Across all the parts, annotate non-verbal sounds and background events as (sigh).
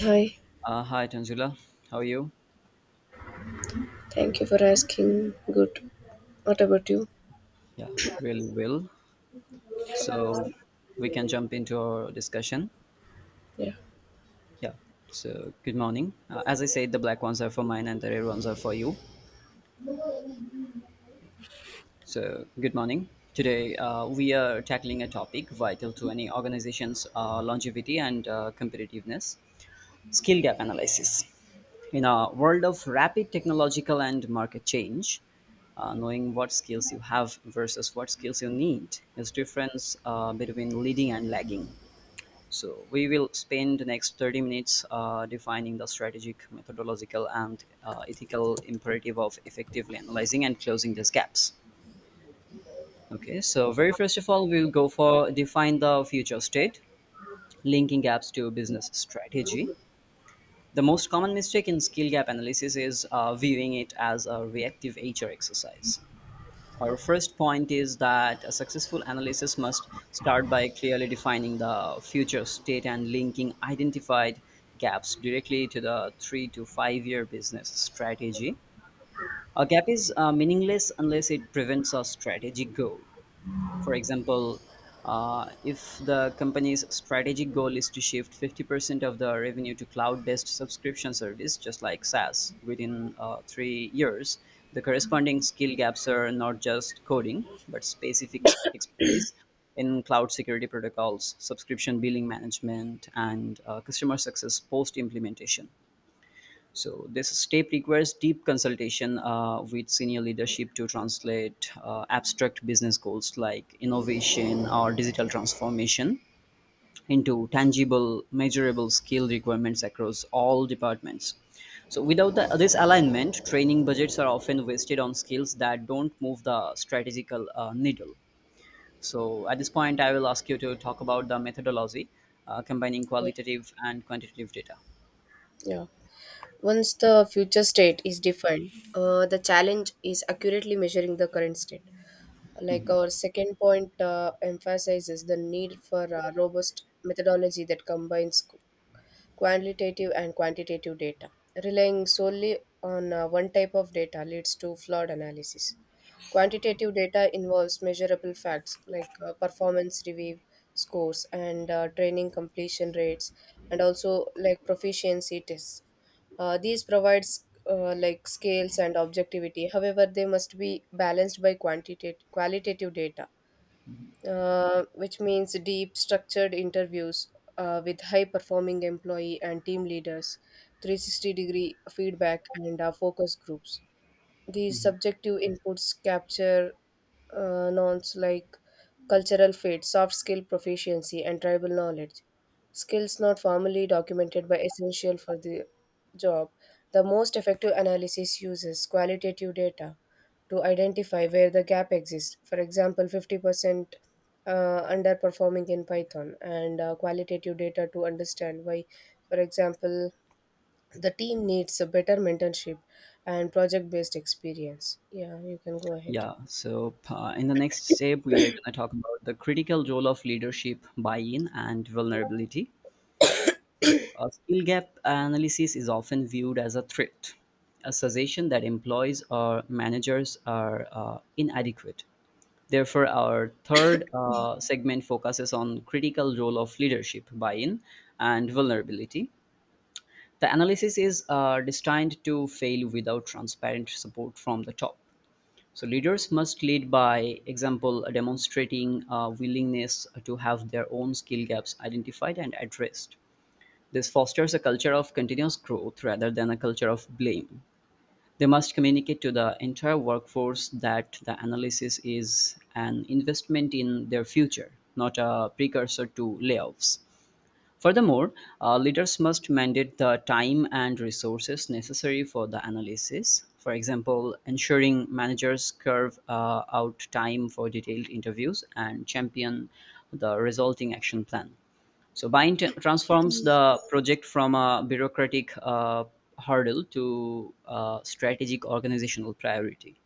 Hi, Hi, Tanzila. How are you? thank you for asking. Good. What about you? Yeah, really well. So we can jump into our discussion. Yeah. Yeah. So good morning. As I said, the black ones are for mine and the red ones are for you. So good morning. Today we are tackling a topic vital to any organization's longevity and competitiveness: skill gap analysis. In a world of rapid technological and market change, knowing what skills you have versus what skills you need is difference between leading and lagging. So we will spend the next 30 minutes defining the strategic, methodological, and ethical imperative of effectively analyzing and closing these gaps. Okay, so very first of all, we will go for define the future state, linking gaps to business strategy. The most common mistake in skill gap analysis is viewing it as a reactive HR exercise. Our first point is that a successful analysis must start by clearly defining the future state and linking identified gaps directly to the 3 to 5 year business strategy. A gap is meaningless unless it prevents a strategic goal. For example, if the company's strategic goal is to shift 50% of the revenue to cloud based subscription service, just like SaaS, within 3 years, the corresponding skill gaps are not just coding, but specific expertise in cloud security protocols, subscription billing management, and customer success post implementation. So this step requires deep consultation with senior leadership to translate abstract business goals like innovation or digital transformation into tangible, measurable skill requirements across all departments. So without this alignment, training budgets are often wasted on skills that don't move the strategical needle. So at this point, I will ask you to talk about the methodology combining Yeah. qualitative and quantitative data. yeah. Once the future state is defined, the challenge is accurately measuring the current state. Like our second point emphasizes the need for a robust methodology that combines qualitative and quantitative data. Relying solely on one type of data leads to flawed analysis. Quantitative data involves measurable facts like performance review scores and training completion rates, and also like proficiency tests. These provides like scales and objectivity. However, they must be balanced by quantitative qualitative data, which means deep structured interviews with high performing employee and team leaders, 360-degree feedback, and focus groups. These subjective inputs capture nouns like cultural fit, soft skill proficiency, and tribal knowledge. Skills not formally documented but essential for the job. The most effective analysis uses qualitative data to identify where the gap exists. For example, 50% uh, underperforming in Python, and qualitative data to understand why. For example, the team needs a better mentorship and project based experience. Yeah, you can go ahead. Yeah, so in the next step, we are going to talk about the critical role of leadership buy in and vulnerability. So, a skill gap analysis is often viewed as a threat, a suggestion that employees or managers are inadequate. Therefore, our third segment focuses on critical role of leadership buy-in and vulnerability. The analysis is destined to fail without transparent support from the top. So leaders must lead by example, demonstrating a willingness to have their own skill gaps identified and addressed. This fosters a culture of continuous growth rather than a culture of blame. They must communicate to the entire workforce that the analysis is an investment in their future, not a precursor to layoffs. Furthermore, leaders must mandate the time and resources necessary for the analysis. For example, ensuring managers carve out time for detailed interviews and champion the resulting action plan. So, Bind transforms the project from a bureaucratic hurdle to a strategic organizational priority.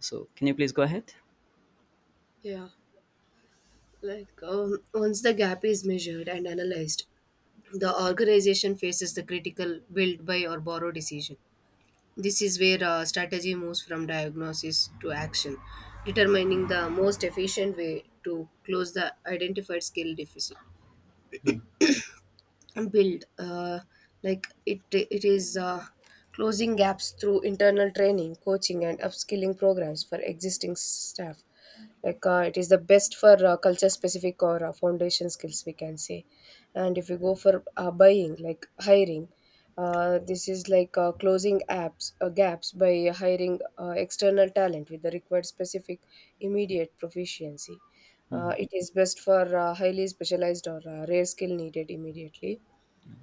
So, can you please go ahead? Yeah, once the gap is measured and analyzed, the organization faces the critical build, by, or borrow decision. This is where strategy moves from diagnosis to action, determining the most efficient way to close the identified skill deficit. Hmm. Build like it is closing gaps through internal training, coaching, and upskilling programs for existing staff. It is the best for culture specific or foundation skills, we can say. And if you go for buying, like hiring, this is like closing apps gaps by hiring external talent with the required specific immediate proficiency. Uh, it is best for highly specialized or rare skill needed immediately.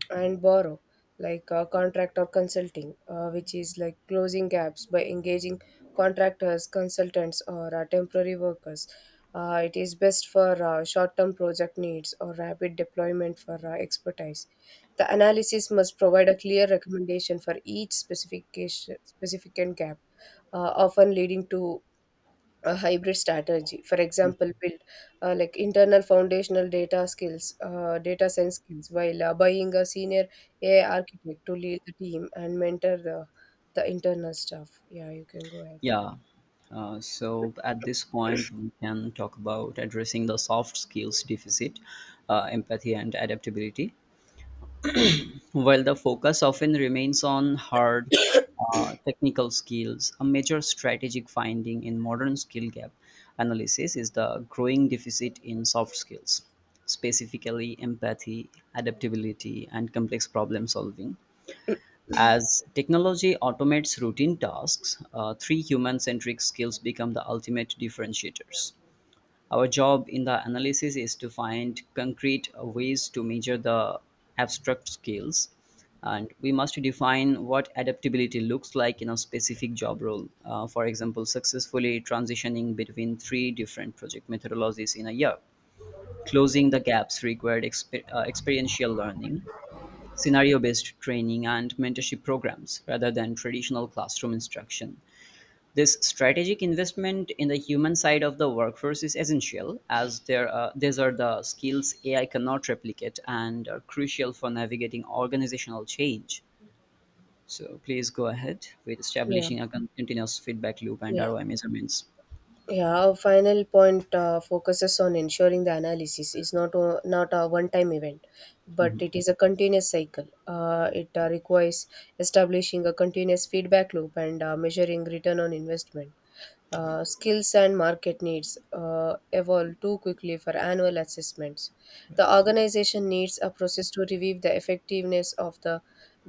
And borrow, contract or consulting, which is like closing gaps by engaging contractors, consultants, or temporary workers. Uh, it is best for short-term project needs or rapid deployment for expertise. The analysis must provide a clear recommendation for each specific gap, often leading to a hybrid strategy, for example build, like internal foundational data science skills, while buying a senior AI architect to lead the team and mentor the internal staff. Yeah, you can go ahead. Yeah. So at this point, we can talk about addressing the soft skills deficit, empathy, and adaptability. While the focus often remains on hard technical skills, a major strategic finding in modern skill gap analysis is the growing deficit in soft skills, specifically empathy, adaptability, and complex problem solving. As technology automates routine tasks, three human centric skills become the ultimate differentiators. Our job in the analysis is to find concrete ways to measure the abstract skills, and we must define what adaptability looks like in a specific job role. For example, successfully transitioning between three different project methodologies in a year. Closing the gaps required experiential learning, scenario-based training and mentorship programs rather than traditional classroom instruction. This strategic investment in the human side of the workforce is essential as these are the skills AI cannot replicate and are crucial for navigating organizational change. So please go ahead with Yeah. establishing a continuous feedback loop and Yeah. ROI measurements. Yeah, our final point focuses on ensuring the analysis is not a one time event, but Mhm. it is a continuous cycle. It requires establishing a continuous feedback loop and measuring return on investment. Skills and market needs evolve too quickly for annual assessments. The organization needs a process to review the effectiveness of the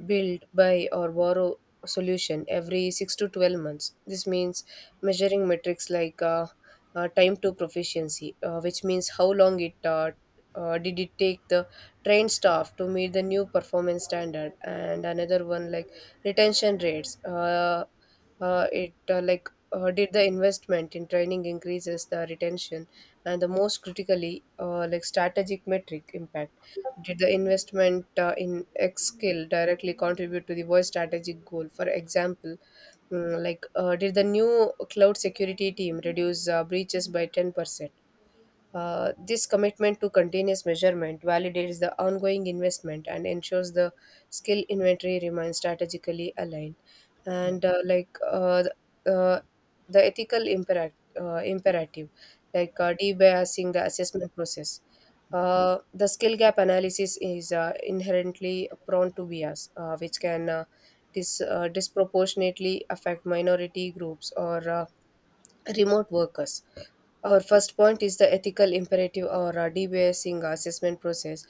build, buy, or borrow solution every 6 to 12 months. This means measuring metrics like time to proficiency, which means how long it did it take the trained staff to meet the new performance standard, and another one like retention rates. It like Did the investment in training increases the retention? And the most critically, like strategic metric impact, did the investment in x skill directly contribute to the voice strategic goal? For example, did the new cloud security team reduce breaches by 10%? This commitment to continuous measurement validates the ongoing investment and ensures the skill inventory remains strategically aligned. And like the, uh, the ethical imperac- imperative, debiasing the assessment process. The skill gap analysis is inherently prone to bias, which can disproportionately affect minority groups or remote workers. Our first point is the ethical imperative or DBSing assessment process,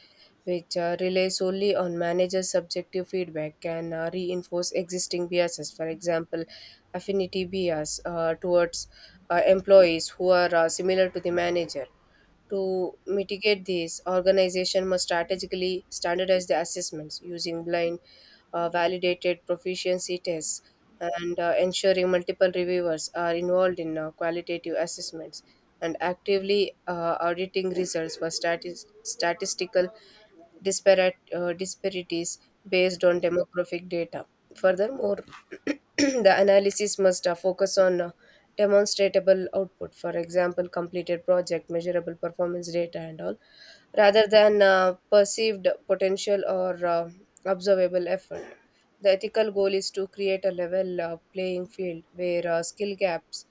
which relies solely on manager's subjective feedback, can reinforce existing biases. For example, affinity bias towards employees who are similar to the manager. To mitigate these, organization must strategically standardize the assessments using blind, validated proficiency tests, and ensuring multiple reviewers are involved in qualitative assessments, and actively auditing results for statistical disparate disparities based on demographic data. Furthermore, (clears throat) the analysis must focus on demonstratable output, for example completed project, measurable performance data, and all, rather than perceived potential or observable effort. The ethical goal is to create a level playing field where skill gaps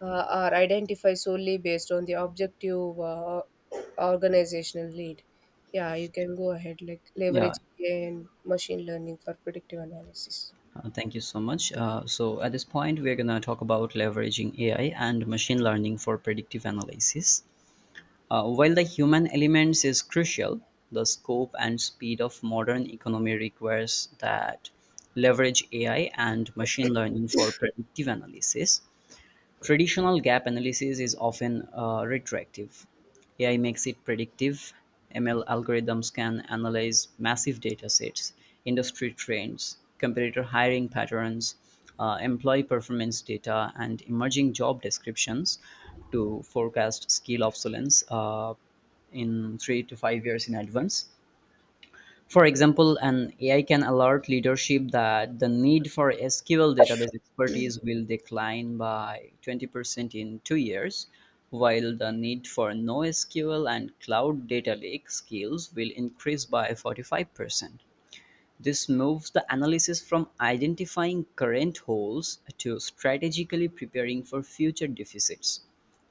are identified solely based on the objective organizational need. Yeah, you can go ahead, like Yeah, leverage AI and machine learning for predictive analysis. Thank you so much. So at this point, we're going to talk about leveraging AI and machine learning for predictive analysis. While the human elements is crucial, the scope and speed of modern economy requires that leverage AI and machine learning for predictive analysis. Traditional gap analysis is often retractive. AI makes it predictive. ML algorithms can analyze massive data sets, industry trends, competitor hiring patterns, employee performance data, and emerging job descriptions to forecast skill obsolescence in 3 to 5 years in advance. For example, an AI can alert leadership that the need for SQL database expertise will decline by 20% in 2 years, while the need for NoSQL and cloud data lake skills will increase by 45%. This moves the analysis from identifying current holes to strategically preparing for future deficits.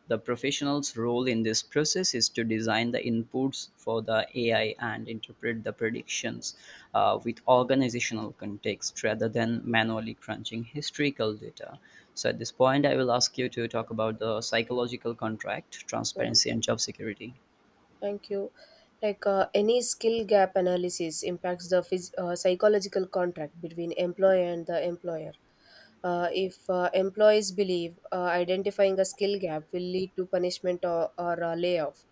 The professional's role in this process is to design the inputs for the AI and interpret the predictions with organizational context rather than manually crunching historical data. So, at this point, I will ask you to talk about the psychological contract, Yeah. transparency, and job security. Thank you. Any skill gap analysis impacts the psychological contract between employer and the employer. If employees believe identifying a skill gap will lead to punishment or a layoff,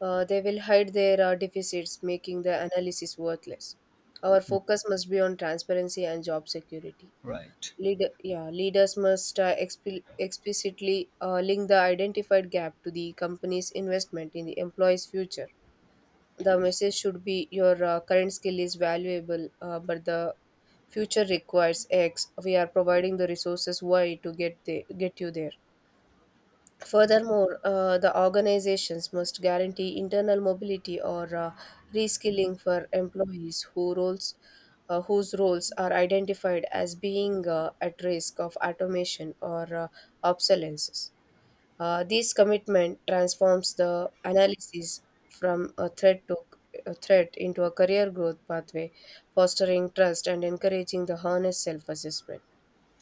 they will hide their deficits, making the analysis worthless. Our Hmm. focus must be on transparency and job security. Right. Leaders must explicitly link the identified gap to the company's investment in the employee's future. The message should be your current skill is valuable, but the future requires x, we are providing the resources y to get you there. Furthermore, the organizations must guarantee internal mobility or reskilling for employees who roles, whose roles are identified as being at risk of automation or obsolescence. This commitment transforms the analysis from a threat into a career growth pathway, fostering trust and encouraging the honest self-assessment.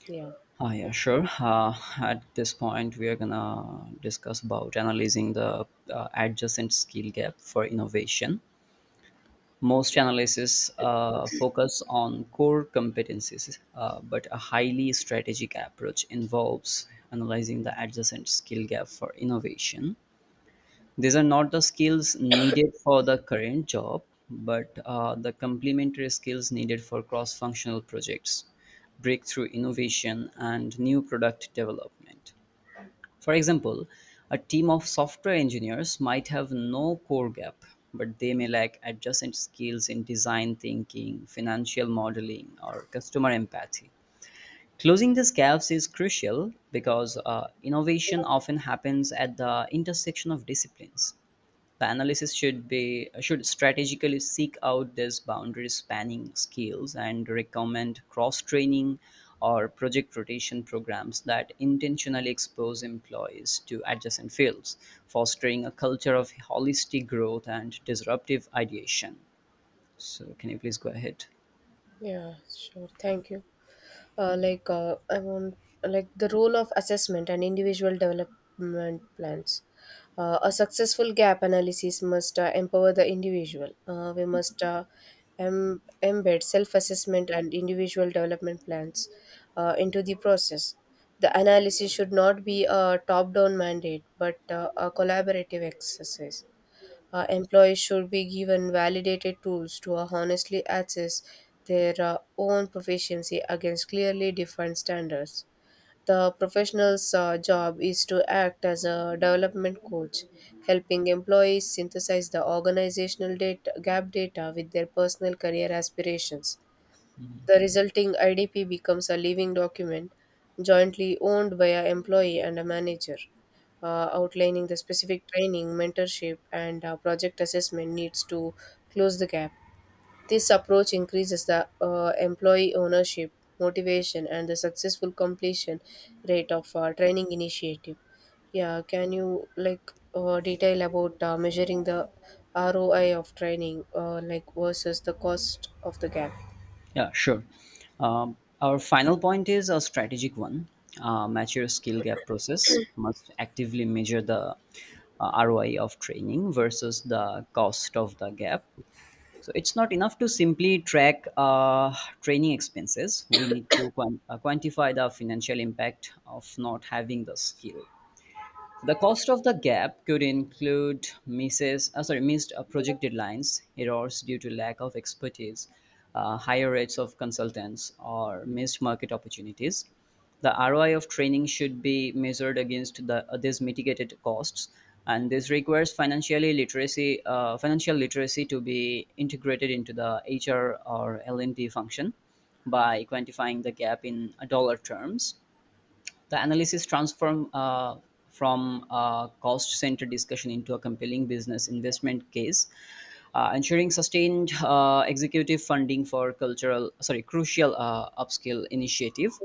Yeah. Ah, yeah, sure. Uh, at this point, we are gonna discuss about analyzing the adjacent skill gap for innovation. Most analysis focus on core competencies, but a highly strategic approach involves analyzing the adjacent skill gap for innovation. These are not the skills needed for the current job, but the complementary skills needed for cross functional projects, breakthrough innovation, and new product development. For example, a team of software engineers might have no core gap, but they may lack adjacent skills in design thinking, financial modeling, or customer empathy. Closing these gaps is crucial because innovation often happens at the intersection of disciplines. The analysis should strategically seek out these boundary spanning skills and recommend cross training or project rotation programs that intentionally expose employees to adjacent fields, fostering a culture of holistic growth and disruptive ideation. So, can you please go ahead? Yeah, sure. Thank you. uh, like uh, um, like the role of assessment and individual development plans. A successful gap analysis must empower the individual. We must embed self-assessment and individual development plans into the process. The analysis should not be a top-down mandate, but a collaborative exercise. Employees should be given validated tools to honestly assess their own proficiency against clearly defined standards. The professional's job is to act as a development coach, helping employees synthesize the organizational data, gap data with their personal career aspirations. The resulting IDP becomes a living document jointly owned by an employee and a manager, outlining the specific training, mentorship, and project assessment needs to close the gap. This approach increases the employee ownership, motivation, and the successful completion rate of training initiative. Yeah, can you detail about measuring the ROI of training, like versus the cost of the gap? Yeah, sure. Our final point is a strategic one. Mature skill gap process must actively measure the ROI of training versus the cost of the gap. So it's not enough to simply track training expenses. We need to quantify the financial impact of not having the skill. The cost of the gap could include missed project deadlines, errors due to lack of expertise, higher rates of consultants, or missed market opportunities. The ROI of training should be measured against these mitigated costs, and this requires financial literacy to be integrated into the HR or L&D function by quantifying the gap in dollar terms. The analysis transformed from a cost centered discussion into a compelling business investment case, ensuring sustained executive funding for crucial upscale initiative.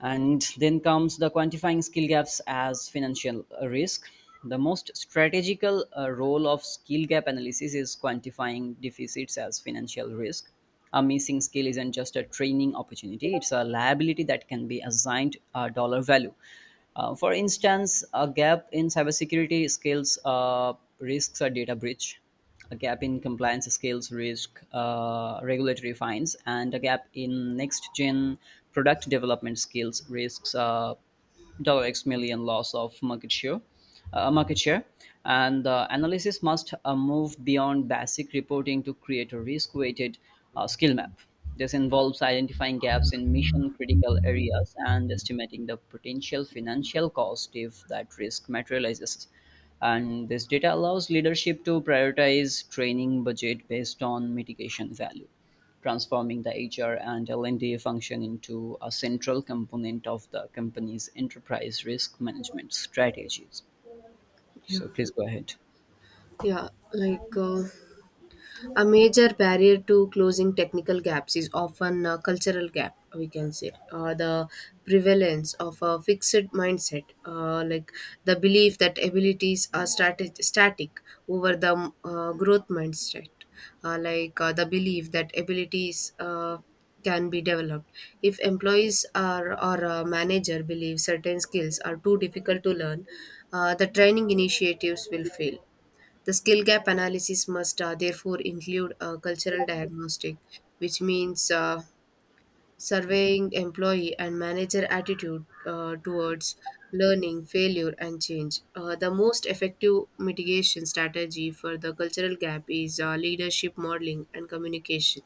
And then comes the quantifying skill gaps as financial risk. The most strategical role of skill gap analysis is quantifying deficits as financial risk. A missing skill isn't just a training opportunity, it's a liability that can be assigned a dollar value. For instance, a gap in cybersecurity skills risks a data breach. A gap in compliance scales risk regulatory fines, and a gap in next gen product development skills risks dollar X million loss of market share. Market share and the analysis must move beyond basic reporting to create a risk weighted skill map. This involves identifying gaps in mission critical areas and estimating the potential financial cost if that risk materializes. And this data allows leadership to prioritize training budget based on mitigation value, transforming the HR and L&D function into a central component of the company's enterprise risk management strategies. Yeah. So please go ahead. Yeah, a major barrier to closing technical gaps is often a cultural gap, we can say, or the prevalence of a fixed mindset, like the belief that abilities are static over the growth mindset, the belief that abilities can be developed. If employees are or a manager believe certain skills are too difficult to learn, the training initiatives will fail. The skill gap analysis must therefore include a cultural diagnostic, which means surveying employee and manager attitude towards learning, failure, and change. The most effective mitigation strategy for the cultural gap is leadership modeling and communication.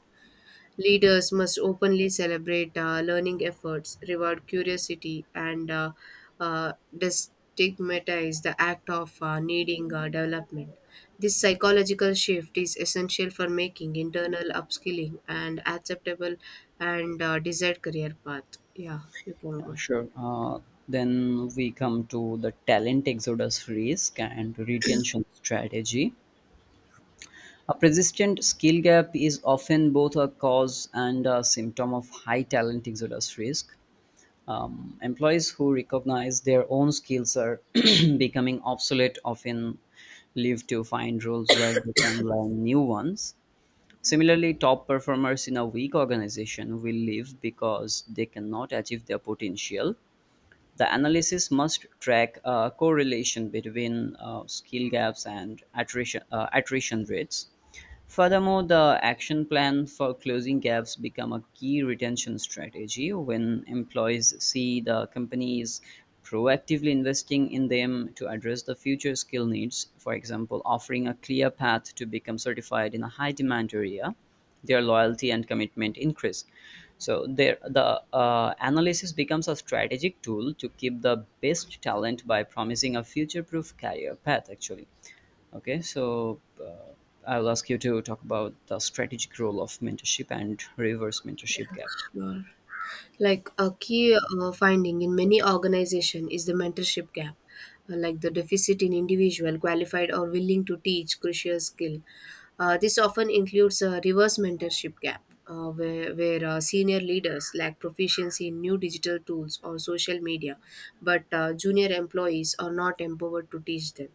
Leaders must openly celebrate learning efforts, reward curiosity, and destigmatize the act of needing development. This psychological shift is essential for making internal upskilling and acceptable and desired career path. Yeah, you can go Yeah, ahead. sure. Then we come to the talent exodus risk and retention strategy. A persistent skill gap is often both a cause and a symptom of high talent exodus risk. Employees who recognize their own skills are (clears throat) becoming obsolete often live to find roles where they can learn new ones. Similarly, top performers in a weak organization will leave because they cannot achieve their potential. The analysis must track a correlation between skill gaps and attrition rates. Furthermore, the action plan for closing gaps become a key retention strategy when employees see the company is proactively investing in them to address the future skill needs, for example, offering a clear path to become certified in a high demand area, their loyalty and commitment increase. So there, the analysis becomes a strategic tool to keep the best talent by promising a future-proof career path. Actually, okay. So I'll ask you to talk about the strategic role of mentorship and reverse mentorship gap. Sure. Like a key finding in many organization is the mentorship gap, like the deficit in individual qualified or willing to teach crucial skill. This often includes a reverse mentorship gap, where senior leaders lack proficiency in new digital tools or social media, but junior employees are not empowered to teach them.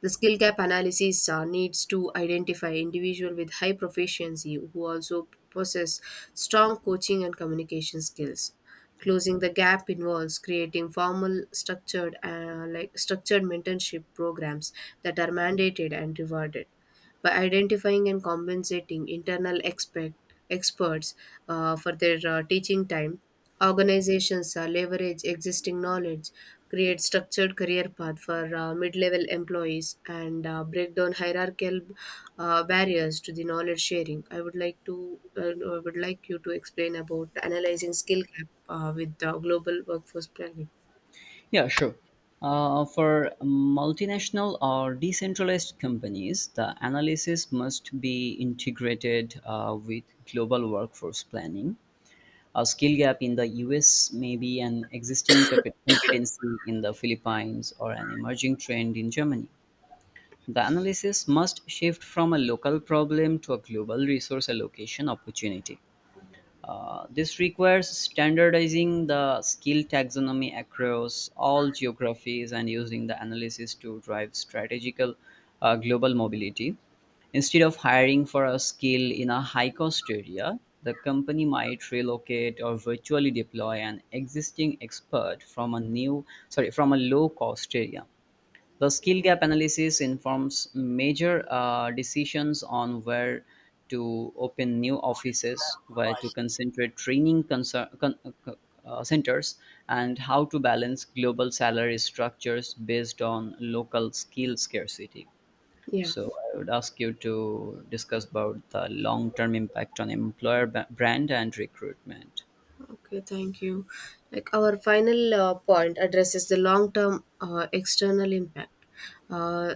The skill gap analysis needs to identify individual with high proficiency who also possess strong coaching and communication skills. Closing the gap involves creating formal, structured, structured mentorship programs that are mandated and rewarded. By identifying and compensating internal experts for their teaching time, organizations leverage existing knowledge, create structured career path for mid-level employees, and break down hierarchical barriers to the knowledge sharing. I would like you to explain about analyzing skill gap with the global workforce planning. Yeah, sure. For multinational or decentralized companies, the analysis must be integrated with global workforce planning. A skill gap in the US may be an existing competency in the Philippines or an emerging trend in Germany. The analysis must shift from a local problem to a global resource allocation opportunity. This requires standardizing the skill taxonomy across all geographies and using the analysis to drive strategical global mobility. Instead of hiring for a skill in a high cost area, the company might relocate or virtually deploy an existing expert from a new sorry from a low cost area. The skill gap analysis informs major decisions on where to open new offices, where to concentrate uh, centers, and how to balance global salary structures based on local skill scarcity. Yeah. So I would ask you to discuss about the long-term impact on employer brand and recruitment. Okay, thank you. Like our final point addresses the long term external impact. Uh,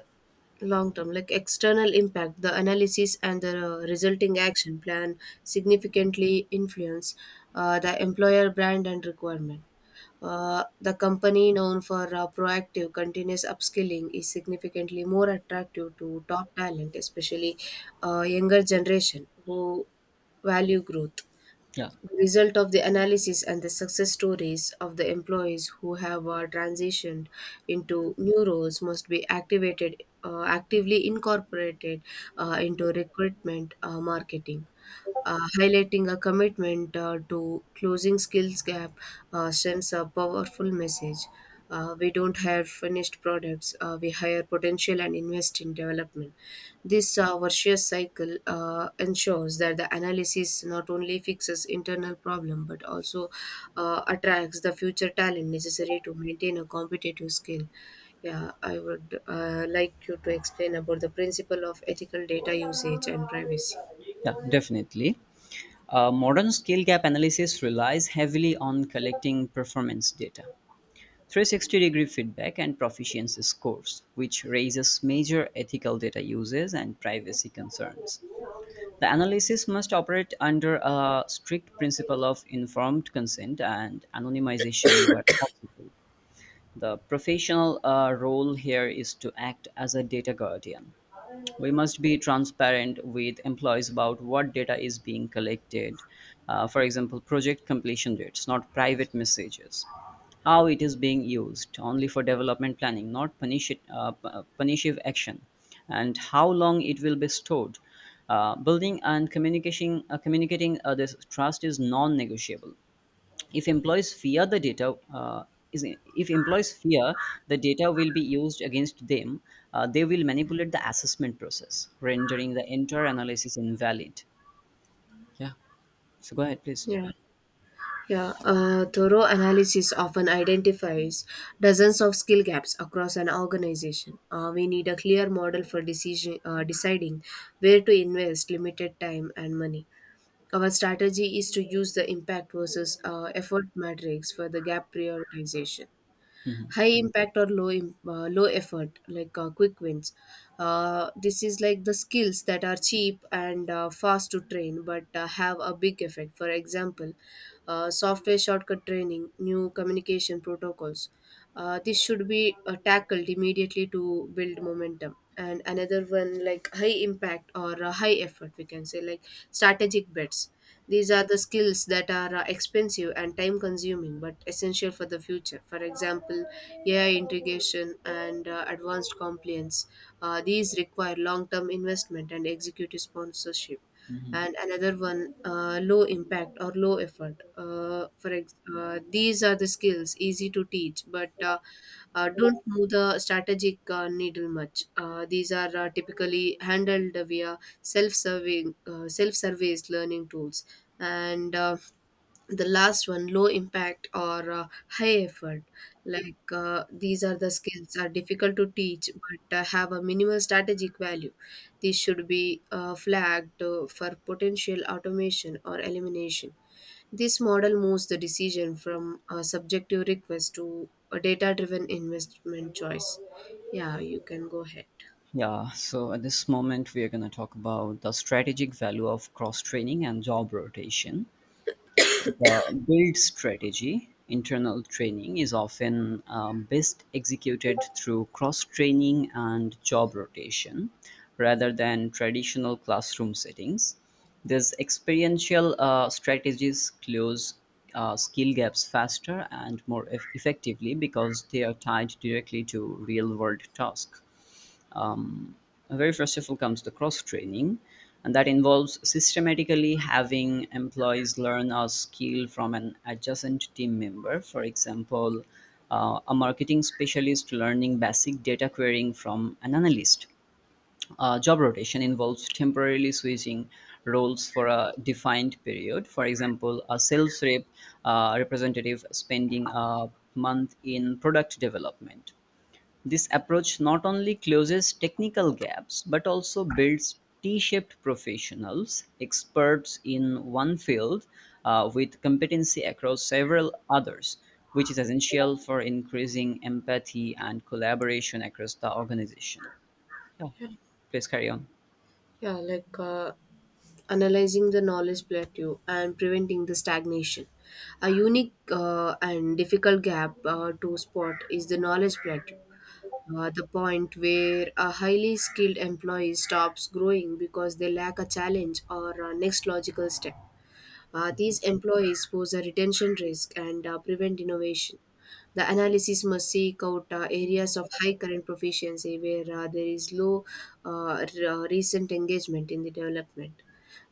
like external impact, the analysis and the resulting action plan significantly influence the employer brand and requirement. The company known for proactive continuous upskilling is significantly more attractive to top talent, especially younger generation who value growth. Yeah, The result of the analysis and the success stories of the employees who have transitioned into new roles must be activated actively incorporated into recruitment marketing. Highlighting a commitment to closing skills gap sends a powerful message. We don't hire finished products, we hire potential and invest in development. This virtuous cycle ensures that the analysis not only fixes internal problem, but also attracts the future talent necessary to maintain a competitive skill. Yeah, I would like you to explain about the principle of ethical data usage and privacy. yeah, definitely. Modern skill gap analysis relies heavily on collecting performance data, 360 degree feedback, and proficiency scores, which raises major ethical data uses and privacy concerns. The analysis must operate under a strict principle of informed consent and anonymization where possible. The professional role here is to act as a data guardian. We must be transparent with employees about what data is being collected. For example, project completion dates, not private messages. How it is being used, only for development planning, not punitive action, and how long it will be stored. Communicating this trust is non-negotiable. If employees fear the data is If employees fear the data will be used against them, they will manipulate the assessment process, rendering the entire analysis invalid. Yeah, so go ahead please. Yeah. Yeah, a thorough analysis often identifies dozens of skill gaps across an organization. We need a clear model for deciding where to invest limited time and money. Our strategy is to use the impact versus effort matrix for the gap prioritization. hmm High impact or low effort, like quick wins, this is like the skills that are cheap and fast to train, but have a big effect. For example, software shortcut training, new communication protocols. This should be tackled immediately to build momentum. And another one, like high impact or high effort, we can say, like strategic bets. These are the skills that are expensive and time consuming, but essential for the future. For example, AI integration and advanced compliance. These require long term investment and executive sponsorship. hmm And another one, low impact or low effort, these are the skills easy to teach, but don't move the strategic needle much. These are typically handled via self-serving self-service learning tools. And the last one, low impact or high effort, these are the skills are difficult to teach, but have a minimal strategic value. These should be flagged for potential automation or elimination. This model moves the decision from a subjective request to a data driven investment choice. Yeah, you can go ahead. yeah so at this moment we are going to talk about the strategic value of cross training and job rotation. The build strategy internal training is often best executed through cross training and job rotation rather than traditional classroom settings. These experiential strategies close skill gaps faster and more effectively because they are tied directly to real world tasks. Um, very first of all comes the cross training, and that involves systematically having employees learn a skill from an adjacent team member. For example, a marketing specialist learning basic data querying from an analyst. Job rotation involves temporarily switching roles for a defined period. For example, a sales rep representative spending a month in product development. This approach not only closes technical gaps but also builds T shaped professionals, experts in one field with competency across several others, which is essential for increasing empathy and collaboration across the organization. Yeah, please carry on. Yeah, analyzing the knowledge plateau and preventing the stagnation. A unique and difficult gap to spot is the knowledge plateau, the point where a highly skilled employee stops growing because they lack a challenge or a next logical step. These employees pose a retention risk and prevent innovation. The analysis must seek out areas of high current proficiency where there is low recent engagement in the development.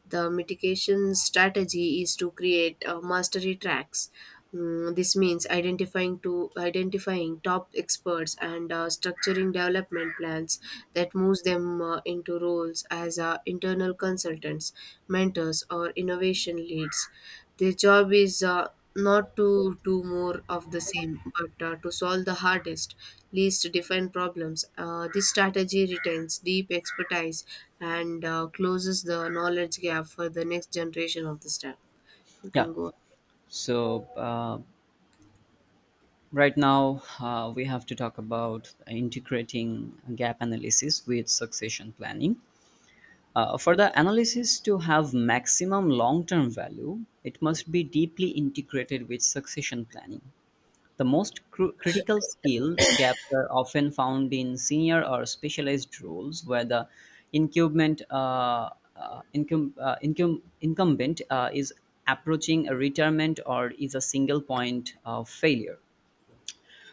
The mitigation strategy is to create mastery tracks. This means identifying top experts and structuring development plans that moves them into roles as internal consultants, mentors, or innovation leads. Their job is not to do more of the same, but to solve the hardest, least defined problems. This strategy retains deep expertise and closes the knowledge gap for the next generation of the staff. You Yeah, can go. so right now we have to talk about integrating gap analysis with succession planning. For the analysis to have maximum long term value, it must be deeply integrated with succession planning. The most critical skill gaps are often found in senior or specialized roles where the incumbent, uh, incumbent is approaching a retirement or is a single point of failure.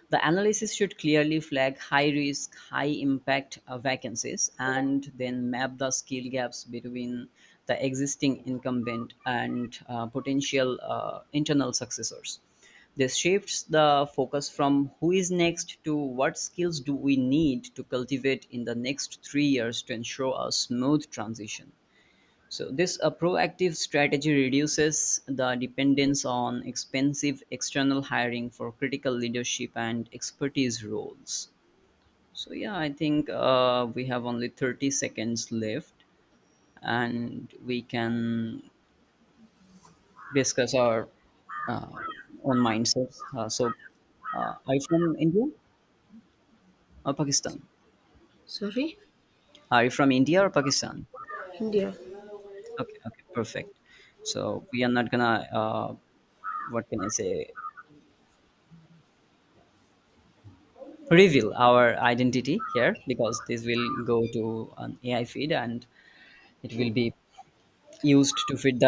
The analysis should clearly flag high risk, high impact vacancies and then map the skill gaps between the existing incumbent and potential internal successors. This shifts the focus from who is next to what skills do we need to cultivate in the next 3 years to ensure a smooth transition. So this a proactive strategy reduces the dependence on expensive external hiring for critical leadership and expertise roles. So yeah, I think we have only 30 seconds left and we can discuss our uh, own mindsets. Are you from India or Pakistan? Sorry? Are you from India or Pakistan? India. Okay, okay, perfect. So we are not gonna, what can I say, reveal our identity here because this will go to an AI feed and it will be used to feed the